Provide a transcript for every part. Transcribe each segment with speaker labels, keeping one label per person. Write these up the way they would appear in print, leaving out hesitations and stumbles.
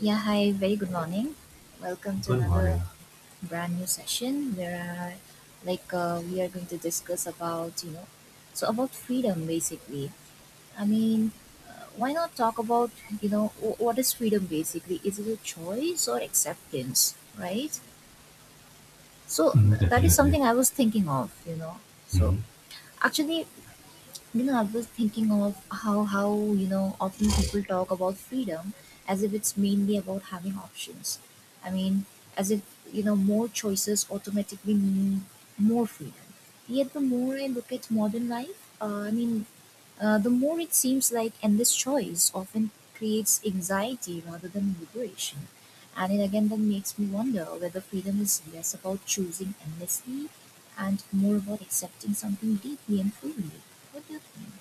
Speaker 1: Yeah, hi, very good morning. Welcome to
Speaker 2: Good
Speaker 1: another
Speaker 2: morning.
Speaker 1: brand new session where I we are going to discuss about so about freedom basically. I mean, why not talk about what is freedom basically? Is it a choice or acceptance, right? So
Speaker 2: Mhm,
Speaker 1: that is
Speaker 2: definitely.
Speaker 1: something I was thinking of, you know. So
Speaker 2: hmm
Speaker 1: actually, you know, I was thinking of how often people talk about freedom as if it's mainly about having options. I mean, as if more choices automatically mean more freedom. Yet the more I look at modern life, the more it seems like endless choice often creates anxiety rather than liberation. And it again then makes me wonder whether freedom is less about choosing endlessly and more about accepting something deeply and fully. What do you think?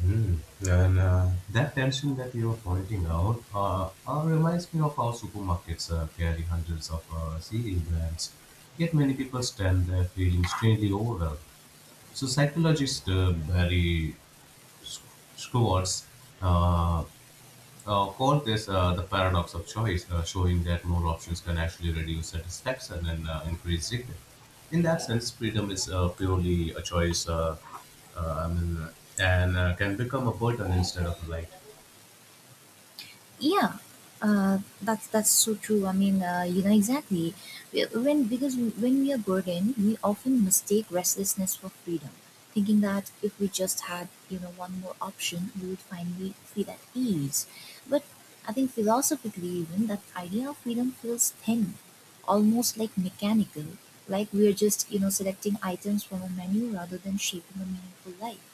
Speaker 2: Hmm. And that tension that you're pointing out reminds me of how supermarkets carry hundreds of cereal brands. Yet many people stand there feeling strangely overwhelmed. So psychologist Barry Schwartz uh, call this the paradox of choice, showing that more options can actually reduce satisfaction and increase regret. In that sense, freedom is purely a choice, uh, I mean, uh, and can become a burden instead of a light.
Speaker 1: Yeah, that's so true. I mean, you know, exactly. When, because when we are burdened, we often mistake restlessness for freedom, thinking that if we just had, you know, one more option, we would finally feel at ease. But I think philosophically, even that idea of freedom feels thin, almost like mechanical, like we are just, you know, selecting items from a menu rather than shaping a meaningful life.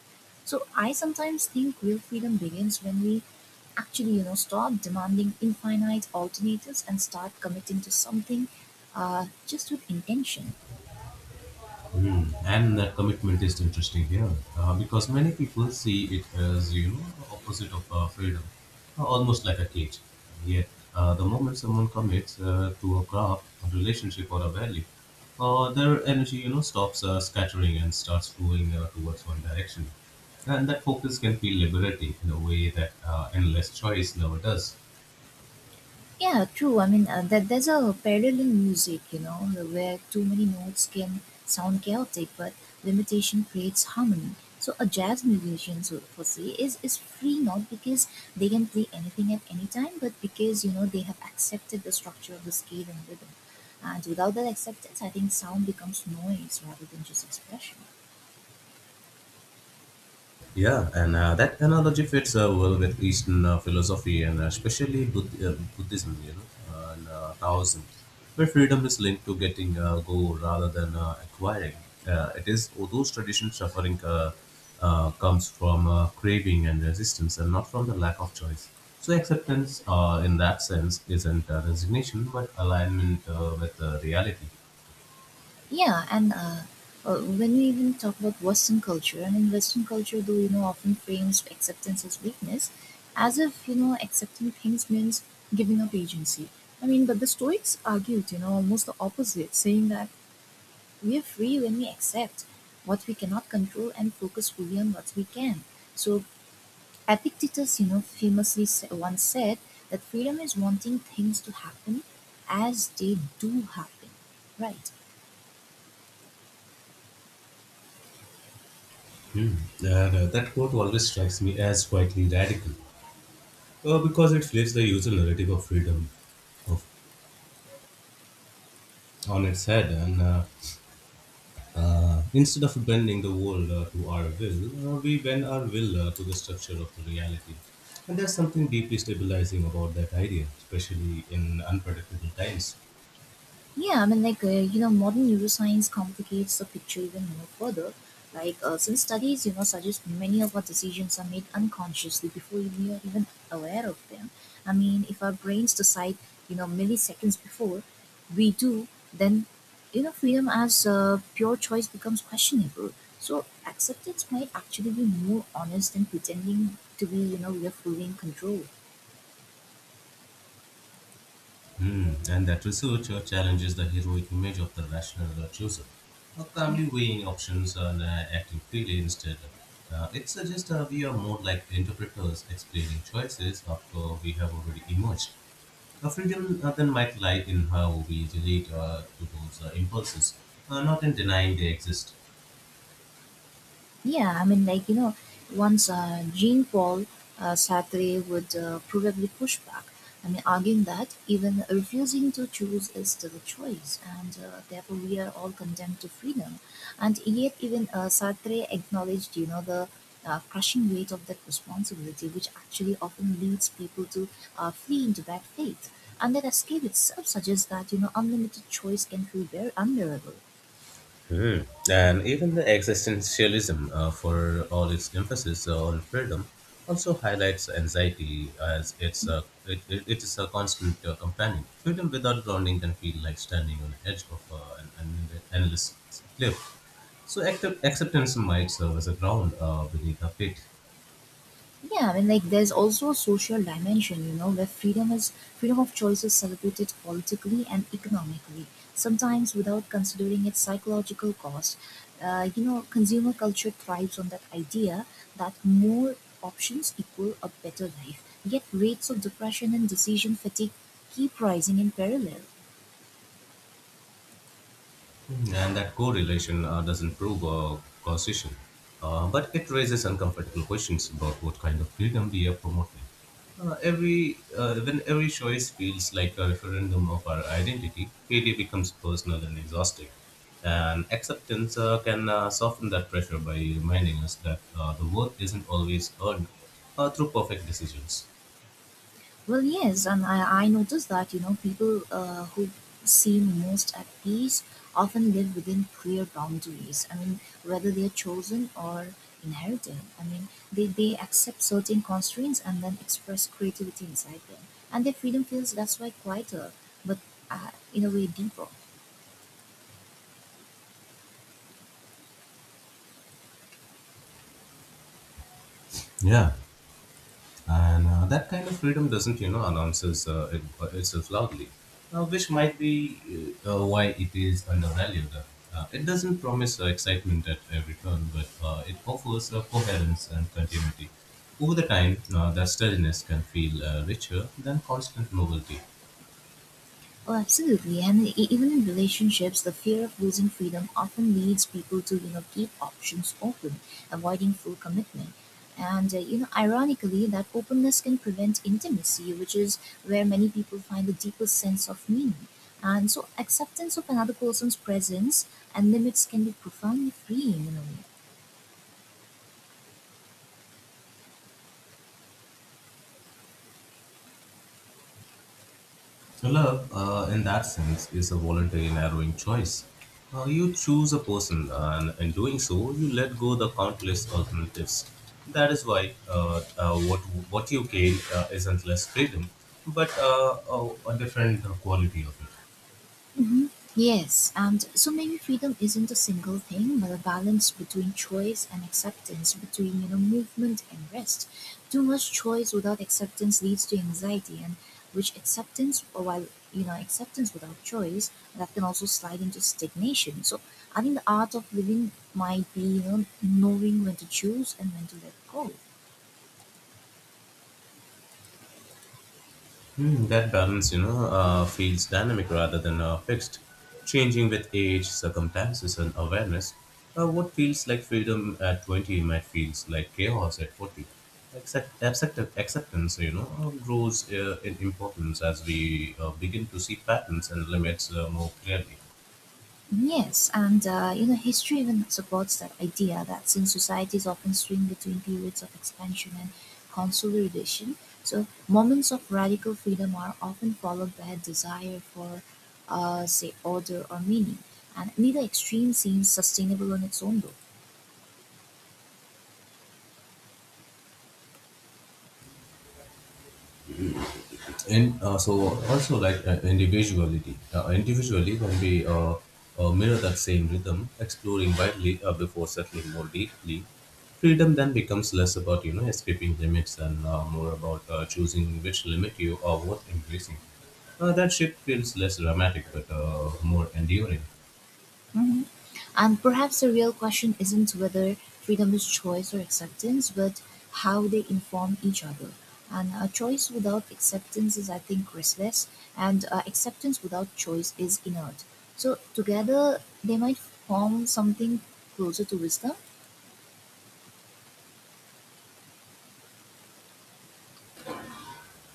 Speaker 1: So I sometimes think real freedom begins when we actually, you know, stop demanding infinite alternatives and start committing to something, just with intention.
Speaker 2: Hmm. And that commitment is interesting here because many people see it as, you know, opposite of freedom, almost like a cage. Yet the moment someone commits to a craft, a relationship, or a value, their energy, you know, stops scattering and starts flowing towards one direction. And that focus can feel liberating in a way that endless choice never does.
Speaker 1: Yeah, true. I mean, that there's a parallel in music, you know, where too many notes can sound chaotic, but limitation creates harmony. So a jazz musician, so per se, is free not because they can play anything at any time, but because you know they have accepted the structure of the scale and rhythm. And without that acceptance, I think sound becomes noise rather than just expression.
Speaker 2: Yeah, and that analogy fits well with Eastern philosophy and especially Buddhism, you know, and Taoism, where freedom is linked to getting go rather than acquiring. It is oh, those traditions suffering comes from craving and resistance, and not from the lack of choice. So acceptance, in that sense, isn't resignation but alignment with reality.
Speaker 1: Yeah, and when we even talk about Western culture, and in Western culture, though, you know, often frames acceptance as weakness, as if, you know, accepting things means giving up agency. I mean, but the Stoics argued, you know, almost the opposite, saying that we are free when we accept what we cannot control and focus fully on what we can. So, Epictetus, you know, famously once said that freedom is wanting things to happen as they do happen, right?
Speaker 2: Hmm. And that quote always strikes me as quietly radical, because it flips the usual narrative of freedom of on its head, and instead of bending the world to our will, we bend our will to the structure of the reality. And there's something deeply stabilizing about that idea, especially in unpredictable times.
Speaker 1: Yeah, I mean, like, you know, modern neuroscience complicates the picture even more further. Like, since studies, you know, suggest many of our decisions are made unconsciously before we are even aware of them. I mean, if our brains decide, you know, milliseconds before we do, then, you know, freedom as pure choice becomes questionable. So, acceptance might actually be more honest than pretending to be, you know, we are fully in control.
Speaker 2: Hmm. And that research challenges the heroic image of the rational chooser, calmly weighing options and acting freely instead. It suggests we are more like interpreters explaining choices after we have already emerged. Freedom then might lie in how we relate to those impulses, not in denying they exist.
Speaker 1: Yeah, I mean, like, you know, once Jean Paul Sartre would probably push back. I mean, arguing that even refusing to choose is still a choice, and therefore we are all condemned to freedom. And yet, even Sartre acknowledged, you know, the crushing weight of that responsibility, which actually often leads people to flee into bad faith. And that escape itself suggests that, you know, unlimited choice can feel very unbearable.
Speaker 2: Hmm. And even the existentialism, for all its emphasis on freedom, also highlights anxiety as it is a constant companion. Freedom without grounding can feel like standing on the edge of an endless cliff. So acceptance might serve as a ground beneath our feet.
Speaker 1: Yeah, I mean, like there's also a social dimension, you know, where freedom of choice is celebrated politically and economically, sometimes without considering its psychological cost. You know, consumer culture thrives on that idea that more options equal a better life. Yet rates of depression and decision fatigue keep rising in parallel.
Speaker 2: Mm-hmm. And that correlation doesn't prove causation, but it raises uncomfortable questions about what kind of freedom we are promoting. Every when every choice feels like a referendum of our identity, failure becomes personal and exhausting. And acceptance can soften that pressure by reminding us that the worth isn't always earned through perfect decisions.
Speaker 1: Well, yes, and I noticed that, you know, people who seem most at peace often live within clear boundaries. I mean, whether they're chosen or inherited, I mean, they accept certain constraints and then express creativity inside them. And their freedom feels that's why quieter, but in a way deeper.
Speaker 2: Yeah, and that kind of freedom doesn't, you know, announces itself loudly, which might be why it is undervalued. Uh, it doesn't promise excitement at every turn, but it offers coherence and continuity over the time. Uh, that steadiness can feel richer than constant novelty.
Speaker 1: Oh, absolutely. And even in relationships, the fear of losing freedom often leads people to, you know, keep options open, avoiding full commitment. And, you know, ironically, that openness can prevent intimacy, which is where many people find the deepest sense of meaning. And so acceptance of another person's presence and limits can be profoundly freeing in a way.
Speaker 2: So, love, in that sense, is a voluntary narrowing choice. You choose a person, and in doing so, you let go the countless alternatives. That is why what what you gain isn't less freedom, but a different quality of it.
Speaker 1: Mhm. Yes, and so maybe freedom isn't a single thing, but a balance between choice and acceptance, between you know movement and rest. Too much choice without acceptance leads to anxiety, and which acceptance, or while you know acceptance without choice, that can also slide into stagnation. So I think the art of living might be you know knowing when to choose and when to let go.
Speaker 2: Hmm, that balance, you know, feels dynamic rather than fixed, changing with age, circumstances, and awareness. What feels like freedom at 20 might feels like chaos at 40. Acceptance, you know, grows in importance as we begin to see patterns and limits more clearly.
Speaker 1: Yes, and you know, history even supports that idea that since societies often swing between periods of expansion and consolidation, so moments of radical freedom are often followed by a desire for, say, order or meaning, and neither extreme seems sustainable on its own though.
Speaker 2: And so also like individuality individually, when we mirror that same rhythm, exploring widely before settling more deeply, freedom then becomes less about, you know, escaping limits and more about choosing which limit you are worth embracing. Uh, that shift feels less dramatic but more enduring.
Speaker 1: Mhm. And perhaps the real question isn't whether freedom is choice or acceptance, but how they inform each other. And choice without acceptance is, I think, restless, and acceptance without choice is inert. So, together, they might form something closer to wisdom.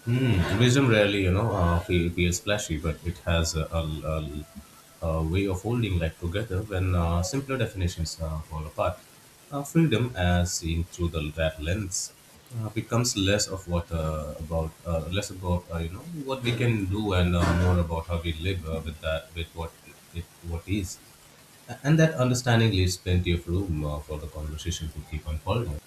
Speaker 2: Mm, wisdom rarely, you know, feels flashy, but it has a, a way of holding life together when simpler definitions fall apart. Freedom, as seen through that lens, becomes less about you know, what we can do and more about how we live with what it what is. And that understanding leaves plenty of room for the conversation to keep unfolding.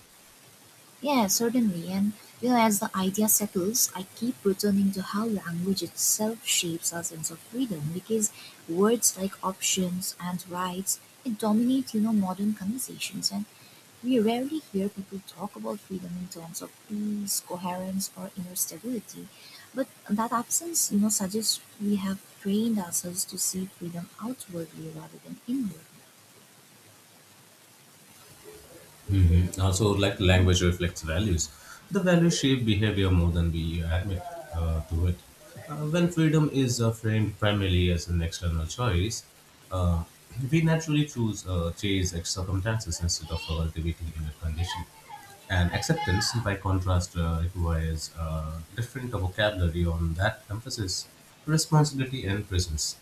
Speaker 1: Yeah, certainly. And you know, as the idea settles, I keep returning to how language itself shapes our sense of freedom because words like options and rights it dominate, you know, modern conversations and we rarely hear people talk about freedom in terms of peace, coherence or inner stability. But that absence, you know, suggests we have trained ourselves to see freedom outwardly rather than inwardly.
Speaker 2: Mhm. Also, like, language reflects values. The values shape behavior more than we admit to it. When freedom is framed primarily as an external choice, uh, we naturally choose chase circumstances instead of cultivating inner condition. And acceptance, by contrast, requires a different vocabulary on that emphasis, responsibility, and presence.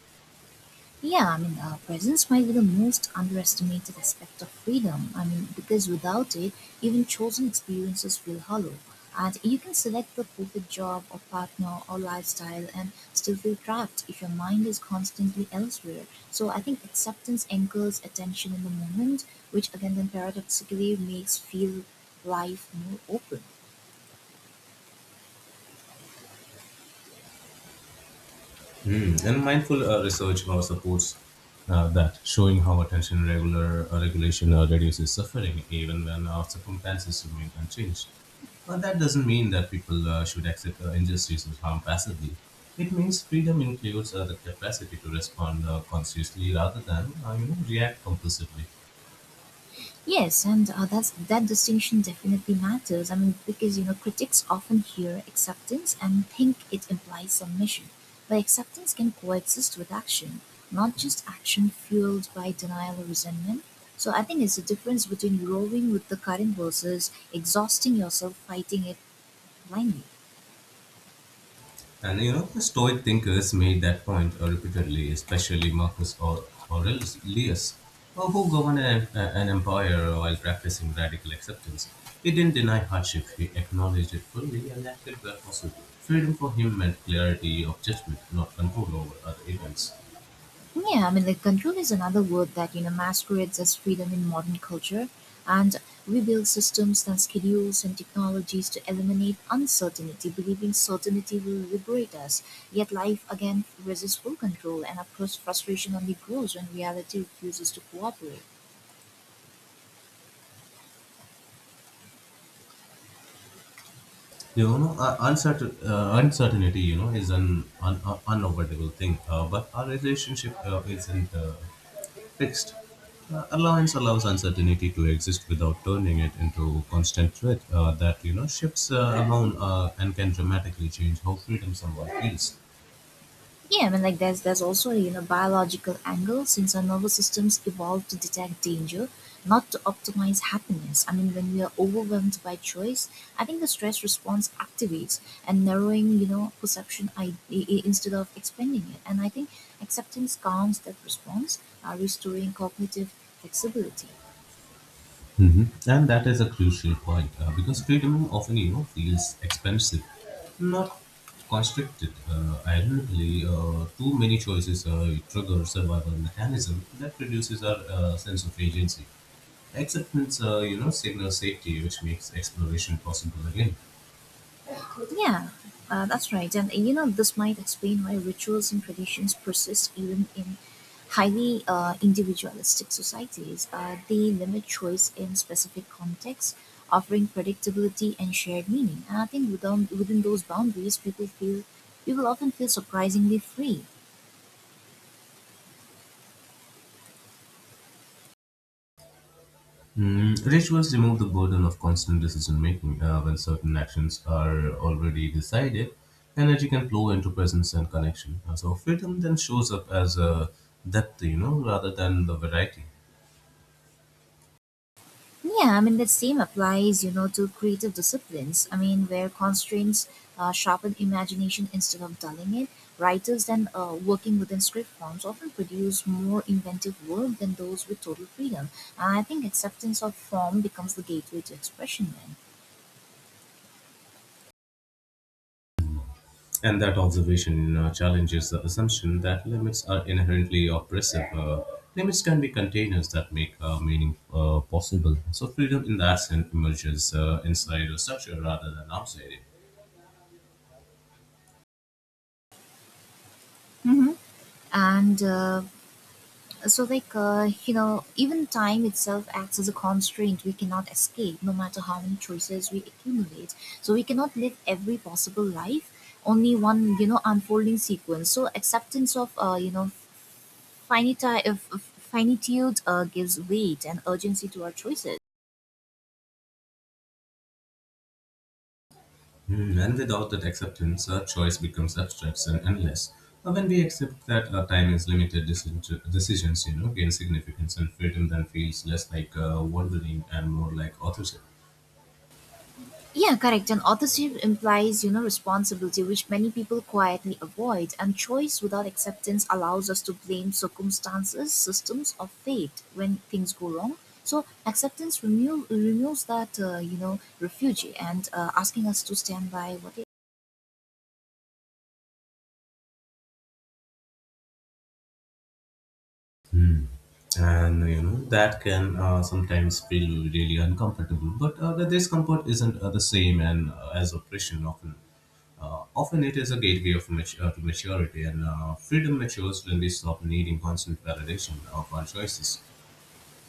Speaker 1: Yeah, I mean, presence might be the most underestimated aspect of freedom. I mean, because without it, even chosen experiences feel hollow. And you can select the perfect job or partner or lifestyle and still feel trapped if your mind is constantly elsewhere. So I think acceptance anchors attention in the moment, which again, then paradoxically makes feel life more open.
Speaker 2: Hmm. And mindful research supports that, showing how attention regular regulation reduces suffering even when our circumstances remain unchanged. But that doesn't mean that people should accept injustice or harm passively. It means freedom includes the capacity to respond consciously rather than, you know, react compulsively.
Speaker 1: Yes, and that's that distinction definitely matters. I mean, because you know, critics often hear acceptance and think it implies submission, but acceptance can coexist with action, not just action fueled by denial or resentment. So I think it's the difference between rowing with the current versus exhausting yourself fighting it blindly.
Speaker 2: And you know, the Stoic thinkers made that point repeatedly, especially Aurelius, who governed an empire while practicing radical acceptance. He didn't deny hardship, he acknowledged it fully and acted where possible. Freedom for him meant clarity of judgment, not control over other events.
Speaker 1: Yeah, I mean, like control is another word that you know masquerades as freedom in modern culture, and we build systems and schedules and technologies to eliminate uncertainty, believing certainty will liberate us. Yet life again resists full control, and of course, frustration only grows when reality refuses to cooperate.
Speaker 2: You know, uncertainty, you know, is an unavoidable thing, but our relationship isn't. Fixed allowance allows uncertainty to exist without turning it into constant threat that, you know, shifts around and can dramatically change how freedom someone feels.
Speaker 1: Yeah, I mean, like there's also you know biological angle since our nervous systems evolved to detect danger, not to optimize happiness. I mean, when we are overwhelmed by choice, I think the stress response activates and narrowing you know perception instead of expanding it. And I think acceptance calms that response, restoring cognitive flexibility.
Speaker 2: Hmm. And that is a crucial point because freedom often, you know, feels expensive, not constricted. Ironically, too many choices trigger survival mechanism that reduces our sense of agency. Acceptance, you know, signals safety, which makes exploration possible again.
Speaker 1: Yeah, that's right. And you know, this might explain why rituals and traditions persist even in highly individualistic societies. They limit choice in specific contexts, offering predictability and shared meaning. And I think within those boundaries, people often feel surprisingly free.
Speaker 2: Mm, rituals remove the burden of constant decision making when certain actions are already decided. Energy can flow into presence and connection. So freedom then shows up as a depth, you know, rather than the variety.
Speaker 1: Yeah, I mean, the same applies, you know, to creative disciplines. I mean, where constraints sharpen imagination instead of dulling it, writers then working within script forms often produce more inventive work than those with total freedom. And I think acceptance of form becomes the gateway to expression then.
Speaker 2: And that observation, you know, challenges the assumption that limits are inherently oppressive. Limits can be containers that make meaning possible. So freedom in that sense emerges inside a structure rather than outside it.
Speaker 1: And so like you know even time itself acts as a constraint we cannot escape no matter how many choices we accumulate, so we cannot live every possible life, only one you know unfolding sequence. So acceptance of, you know, of finitude gives weight and urgency to our choices.
Speaker 2: Hmm. When we doubt that acceptance, our choice becomes abstract and less. Or when we accept that our time is limited, decisions, you know, gain significance and freedom then feels less like wandering and more like authorship.
Speaker 1: Yeah, correct. And authorship implies, you know, responsibility, which many people quietly avoid. And choice without acceptance allows us to blame circumstances, systems, or fate when things go wrong. So acceptance removes that, you know, refuge and asking us to stand by what.
Speaker 2: Hmm. And you know that can sometimes feel really uncomfortable, but the discomfort isn't the same and as oppression. Often it is a gateway to maturity, and freedom matures when we stop needing constant validation of our choices.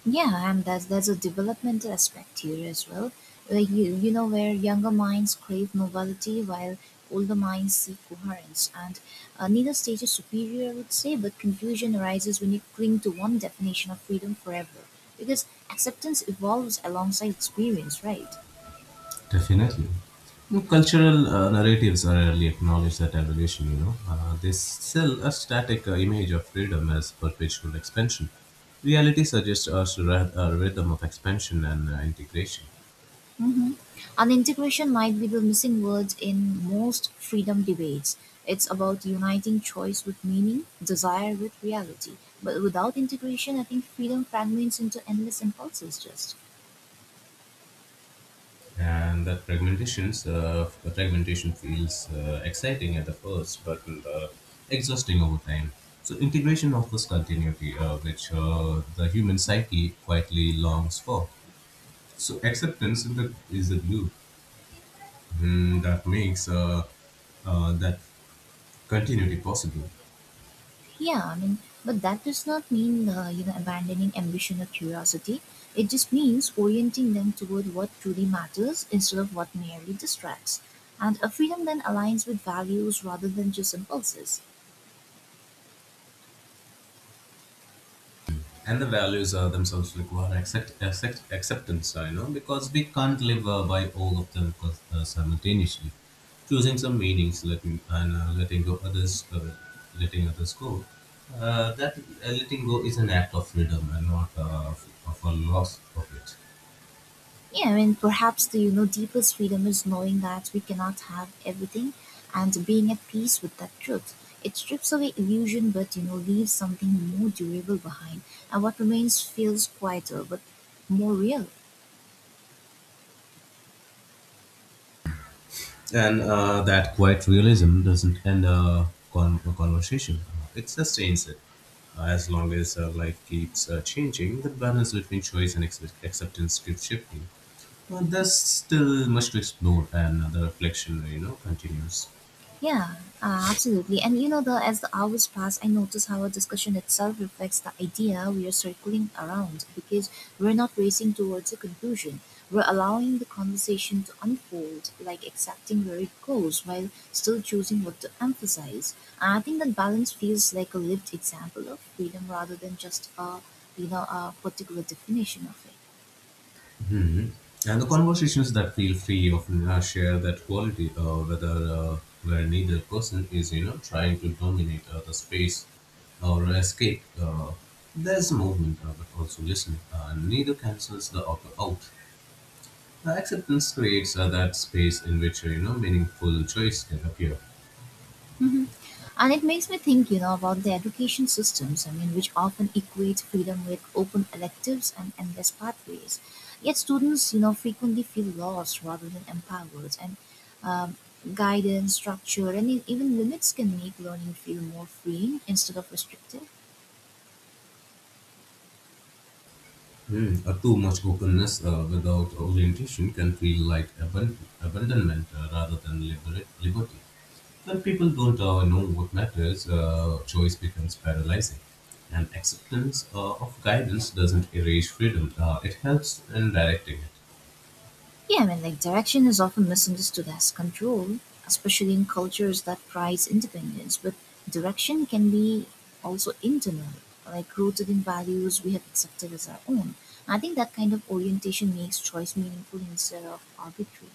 Speaker 1: Yeah, and there's a developmental aspect here as well, where you know where younger minds crave novelty while older minds seek coherence, and neither stage is superior, I would say. But confusion arises when you cling to one definition of freedom forever, because acceptance evolves alongside experience, right?
Speaker 2: Definitely. And cultural narratives are rarely acknowledge that evolution, you know. They sell a static image of freedom as perpetual expansion. Reality suggests us a rhythm of expansion and integration.
Speaker 1: Mhm. And integration might be the missing word in most freedom debates. It's about uniting choice with meaning, desire with reality. But without integration, I think freedom fragments into endless impulses. Just
Speaker 2: And that fragmentation feels exciting at the first, but exhausting over time. So integration offers continuity, which the human psyche quietly longs for. So acceptance in is the glue, Mm, that makes that continuity possible.
Speaker 1: yeah, I mean, but that does not mean you know abandoning ambition or curiosity. It just means orienting them toward what truly matters instead of what merely distracts. And a freedom then aligns with values rather than just impulses.
Speaker 2: And the values themselves require acceptance, you know, because we can't live by all of them simultaneously. Choosing some meanings, letting go others, letting others go. That letting go is an act of freedom and not of a loss of it.
Speaker 1: Yeah, I mean, perhaps the deepest freedom is knowing that we cannot have everything, and being at peace with that truth. It strips away illusion, but leaves something more durable behind, and what remains feels quieter but more real.
Speaker 2: And that quiet realism doesn't end a conversation. Uh, it sustains it as long as life keeps changing. The balance between choice and acceptance keeps shifting. Uh, there's still much to explore, and the reflection, you know, continues.
Speaker 1: Yeah, absolutely. And you know, the as the hours pass, I notice how our discussion itself reflects the idea we are circling around because we're not racing towards a conclusion. We're allowing the conversation to unfold, like accepting where it goes while still choosing what to emphasize. And I think that balance feels like a lived example of freedom rather than just a particular definition of it.
Speaker 2: Hmm. And the conversations that feel free often share that quality, whether where neither person is, you know, trying to dominate the space or escape. There's movement, but also listening. Neither cancels the other out. Acceptance creates that space in which, you know, meaningful choice can appear.
Speaker 1: Mhm. And it makes me think, about the education systems, I mean, which often equate freedom with open electives and endless pathways. Yet students, frequently feel lost rather than empowered, and um, guidance, structure, and even limits can make learning feel more freeing instead of restrictive.
Speaker 2: Hmm. Too much openness without orientation can feel like abandonment rather than liberty. When people don't know what matters, choice becomes paralyzing. And acceptance of guidance doesn't erase freedom, it helps in directing it.
Speaker 1: Yeah, I mean, like direction is often misunderstood as control, especially in cultures that prize independence, but direction can be also internal, like rooted in values we have accepted as our own. I think that kind of orientation makes choice meaningful instead of arbitrary.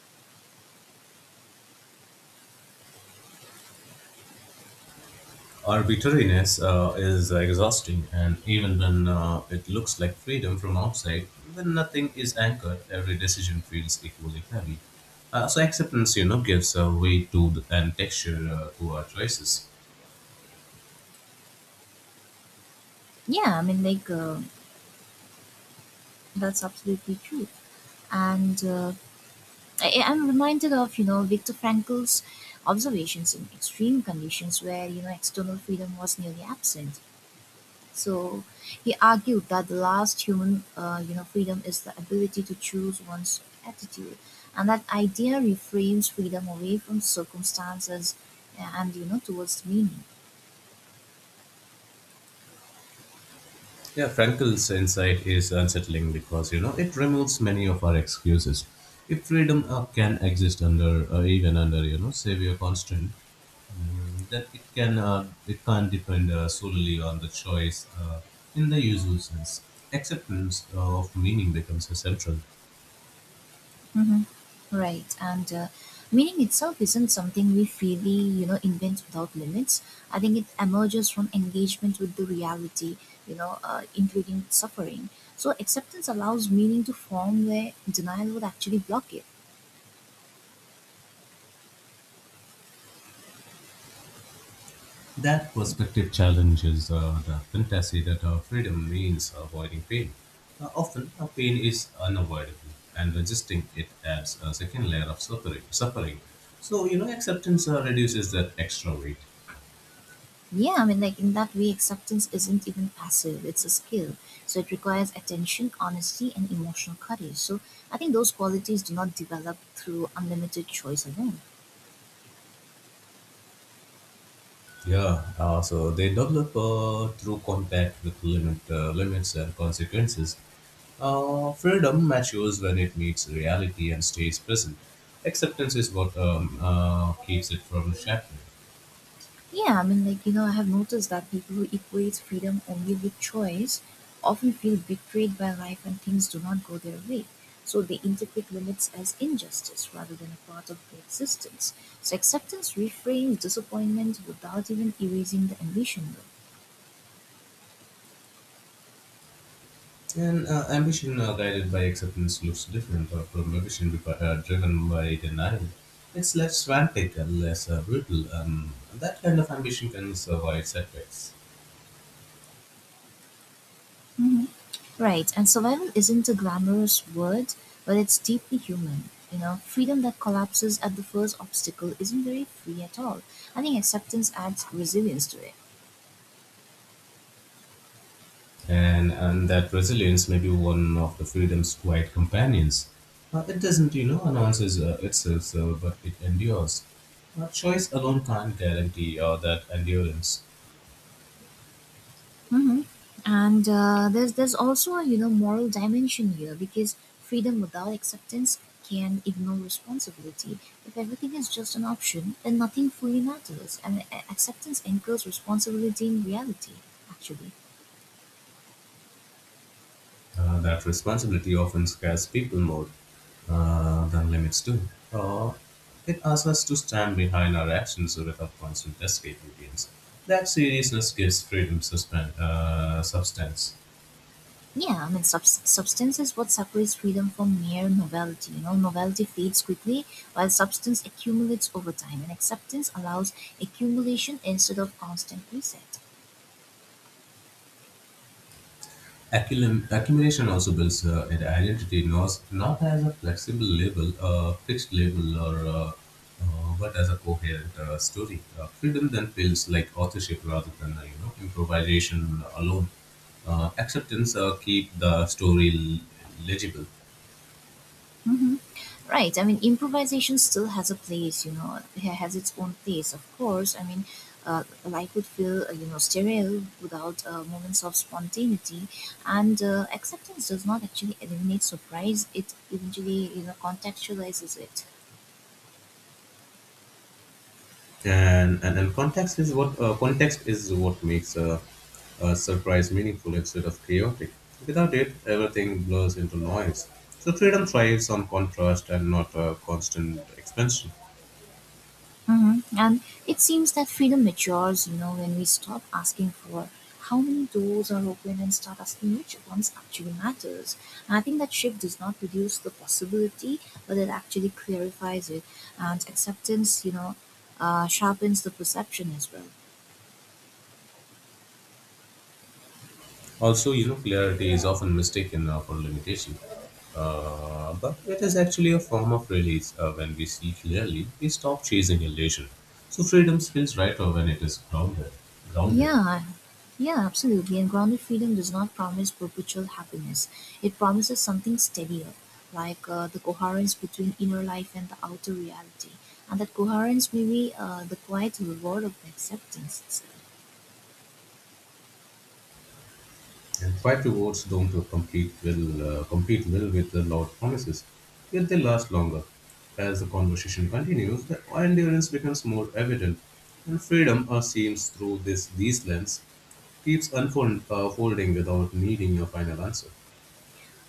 Speaker 2: Arbitrariness is exhausting, and even when it looks like freedom from outside, when nothing is anchored, every decision feels equally heavy. So acceptance, you know, gives a weight to the, and texture to our choices.
Speaker 1: Yeah, I mean, like, that's absolutely true. And I'm reminded of, Viktor Frankl's observations in extreme conditions where, external freedom was nearly absent. So he argued that the last human, freedom is the ability to choose one's attitude, and that idea reframes freedom away from circumstances, and towards meaning.
Speaker 2: Yeah, Frankel's insight is unsettling because you know it removes many of our excuses. If freedom can exist under even under you know severe constraint, then it can't depend solely on the choice in the usual sense. Acceptance of meaning becomes essential.
Speaker 1: Hmm. Right, and meaning itself isn't something we freely, invent without limits. I think it emerges from engagement with the reality, including suffering. So acceptance allows meaning to form where denial would actually block it.
Speaker 2: That perspective challenges the fantasy that freedom means avoiding pain. Often, a pain is unavoidable, and resisting it adds a second layer of suffering. So, you know, acceptance reduces that extra weight.
Speaker 1: Yeah, I mean, like in that way, acceptance isn't even passive, it's a skill. So it requires attention, honesty, and emotional courage. So I think those qualities do not develop through unlimited choice alone.
Speaker 2: Yeah. So they develop through contact with limits and consequences. Freedom matures when it meets reality and stays present. Acceptance is what keeps it from shattering.
Speaker 1: Yeah, I mean, like, I have noticed that people who equate freedom only with choice often feel betrayed by life when things do not go their way. So they interpret limits as injustice rather than a part of their existence. So acceptance reframes disappointment without even erasing the ambition, though.
Speaker 2: And ambition guided by acceptance looks different from ambition driven by denial. It's less frantic and less brutal. That kind of ambition can survive setbacks.
Speaker 1: Mhm. Right, and survival isn't a glamorous word, but it's deeply human. Freedom that collapses at the first obstacle isn't very free at all. I think acceptance adds resilience to it.
Speaker 2: And that resilience may be one of the freedom's quiet companions. It doesn't, you know, announces itself, so, but it endures. Choice alone can't guarantee that endurance.
Speaker 1: Hmm. And there's also a moral dimension here because freedom without acceptance can ignore responsibility. If everything is just an option, then nothing fully matters, and acceptance anchors responsibility in reality. Actually.
Speaker 2: That responsibility often scares people more than limits do. It asks us to stand behind our actions without constant escape routines. That seriousness gives freedom substance.
Speaker 1: Yeah, I mean, substance is what separates freedom from mere novelty. Novelty fades quickly, while substance accumulates over time, and acceptance allows accumulation instead of constant reset.
Speaker 2: Accumulation also builds an identity, not as a fixed label, or but as a coherent story. Freedom then feels like authorship rather than you know improvisation alone. Acceptance keep the story legible.
Speaker 1: Hmm. Right. I mean, improvisation still has a place. It has its own place, of course. I mean, life would feel sterile without moments of spontaneity, and acceptance does not actually eliminate surprise. It eventually contextualizes it.
Speaker 2: And context is what makes a surprise meaningful instead of chaotic without it everything blurs into noise so freedom thrives on contrast and not constant expansion
Speaker 1: Hmm. And it seems that freedom matures, when we stop asking for how many doors are open and start asking which ones actually matters. And I think that shift does not reduce the possibility, but it actually clarifies it. And acceptance, sharpens the perception as well.
Speaker 2: also you know clarity is often mistaken for limitation but it is actually a form of release when we see clearly we stop chasing illusion so freedom feels right when it is grounded.
Speaker 1: Yeah, yeah, absolutely. And grounded freedom does not promise perpetual happiness. It promises something steadier, like the coherence between inner life and the outer reality. And that coherence may be the quiet reward of acceptance itself.
Speaker 2: And try to words don't complete well with the loud promises, yet they last longer. As the conversation continues, the endurance becomes more evident, and freedom seems through this these lens keeps unfolding without needing a final answer.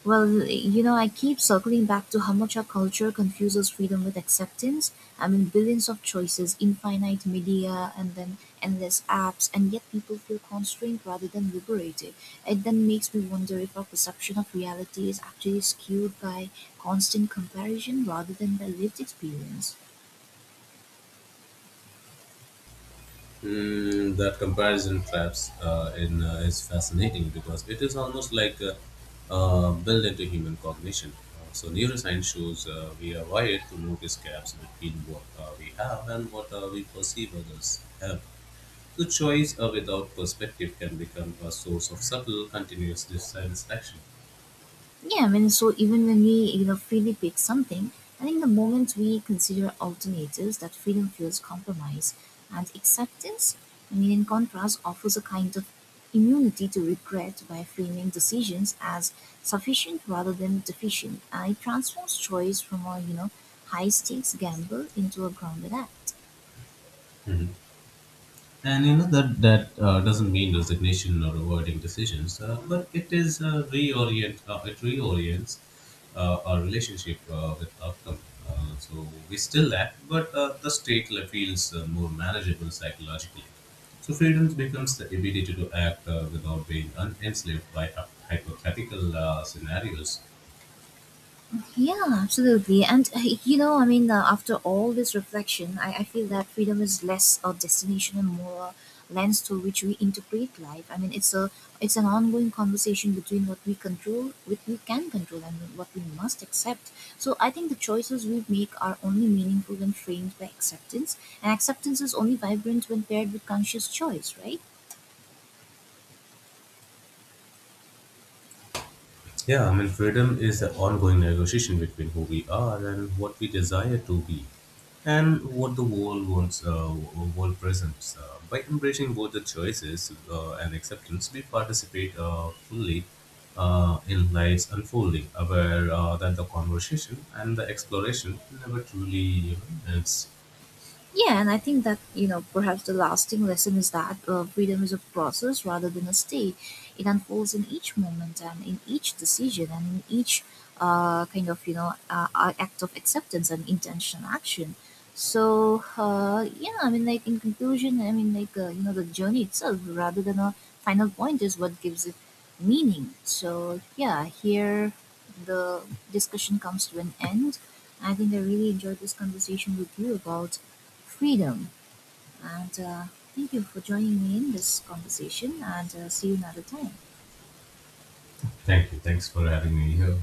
Speaker 1: Well, I keep circling back to how much our culture confuses freedom with acceptance. I mean, billions of choices, infinite media, and then endless apps, and yet people feel constrained rather than liberated. It then makes me wonder if our perception of reality is actually skewed by constant comparison rather than by lived experience.
Speaker 2: Mm, that comparison traps in is fascinating because it is almost like built into human cognition. So neuroscience shows we are wired to notice gaps between what we have and what we perceive others have. So choice without perspective can become a source of subtle, continuous dissatisfaction.
Speaker 1: Yeah, I mean, so even when we freely pick something, I think the moment we consider alternatives, that freedom feels compromise and acceptance. I mean, in contrast, offers a kind of immunity to regret by framing decisions as sufficient rather than deficient, and it transforms choice from a high stakes gamble into a grounded act.
Speaker 2: And you know that that doesn't mean resignation or avoiding decisions, but it is reorient. It reorients our relationship with outcome. So we still lack, but the state feels more manageable psychologically. So freedom becomes the ability to act without being enslaved by hypothetical scenarios.
Speaker 1: Yeah, absolutely. And I mean, after all this reflection, I feel that freedom is less a destination and more a lens through which we interpret life. I mean, it's an ongoing conversation between what we control, what we can control, and what we must accept. So I think the choices we make are only meaningful when framed by acceptance, and acceptance is only vibrant when paired with conscious choice, right?
Speaker 2: Yeah, I mean, freedom is an ongoing negotiation between who we are and what we desire to be, and what the world wants, world presents. By embracing both the choices and acceptance, we participate fully in life's unfolding, aware that the conversation and the exploration never truly, you know, ends.
Speaker 1: Yeah, and I think that, perhaps the lasting lesson is that freedom is a process rather than a state. It unfolds in each moment and in each decision and in each kind of, act of acceptance and intentional action. So, yeah, I mean, like in conclusion, I mean, like, the journey itself rather than a final point is what gives it meaning. So, yeah, here the discussion comes to an end. I think I really enjoyed this conversation with you about freedom. And thank you for joining me in this conversation, and see you another time.
Speaker 2: Thank you. Thanks for having me here.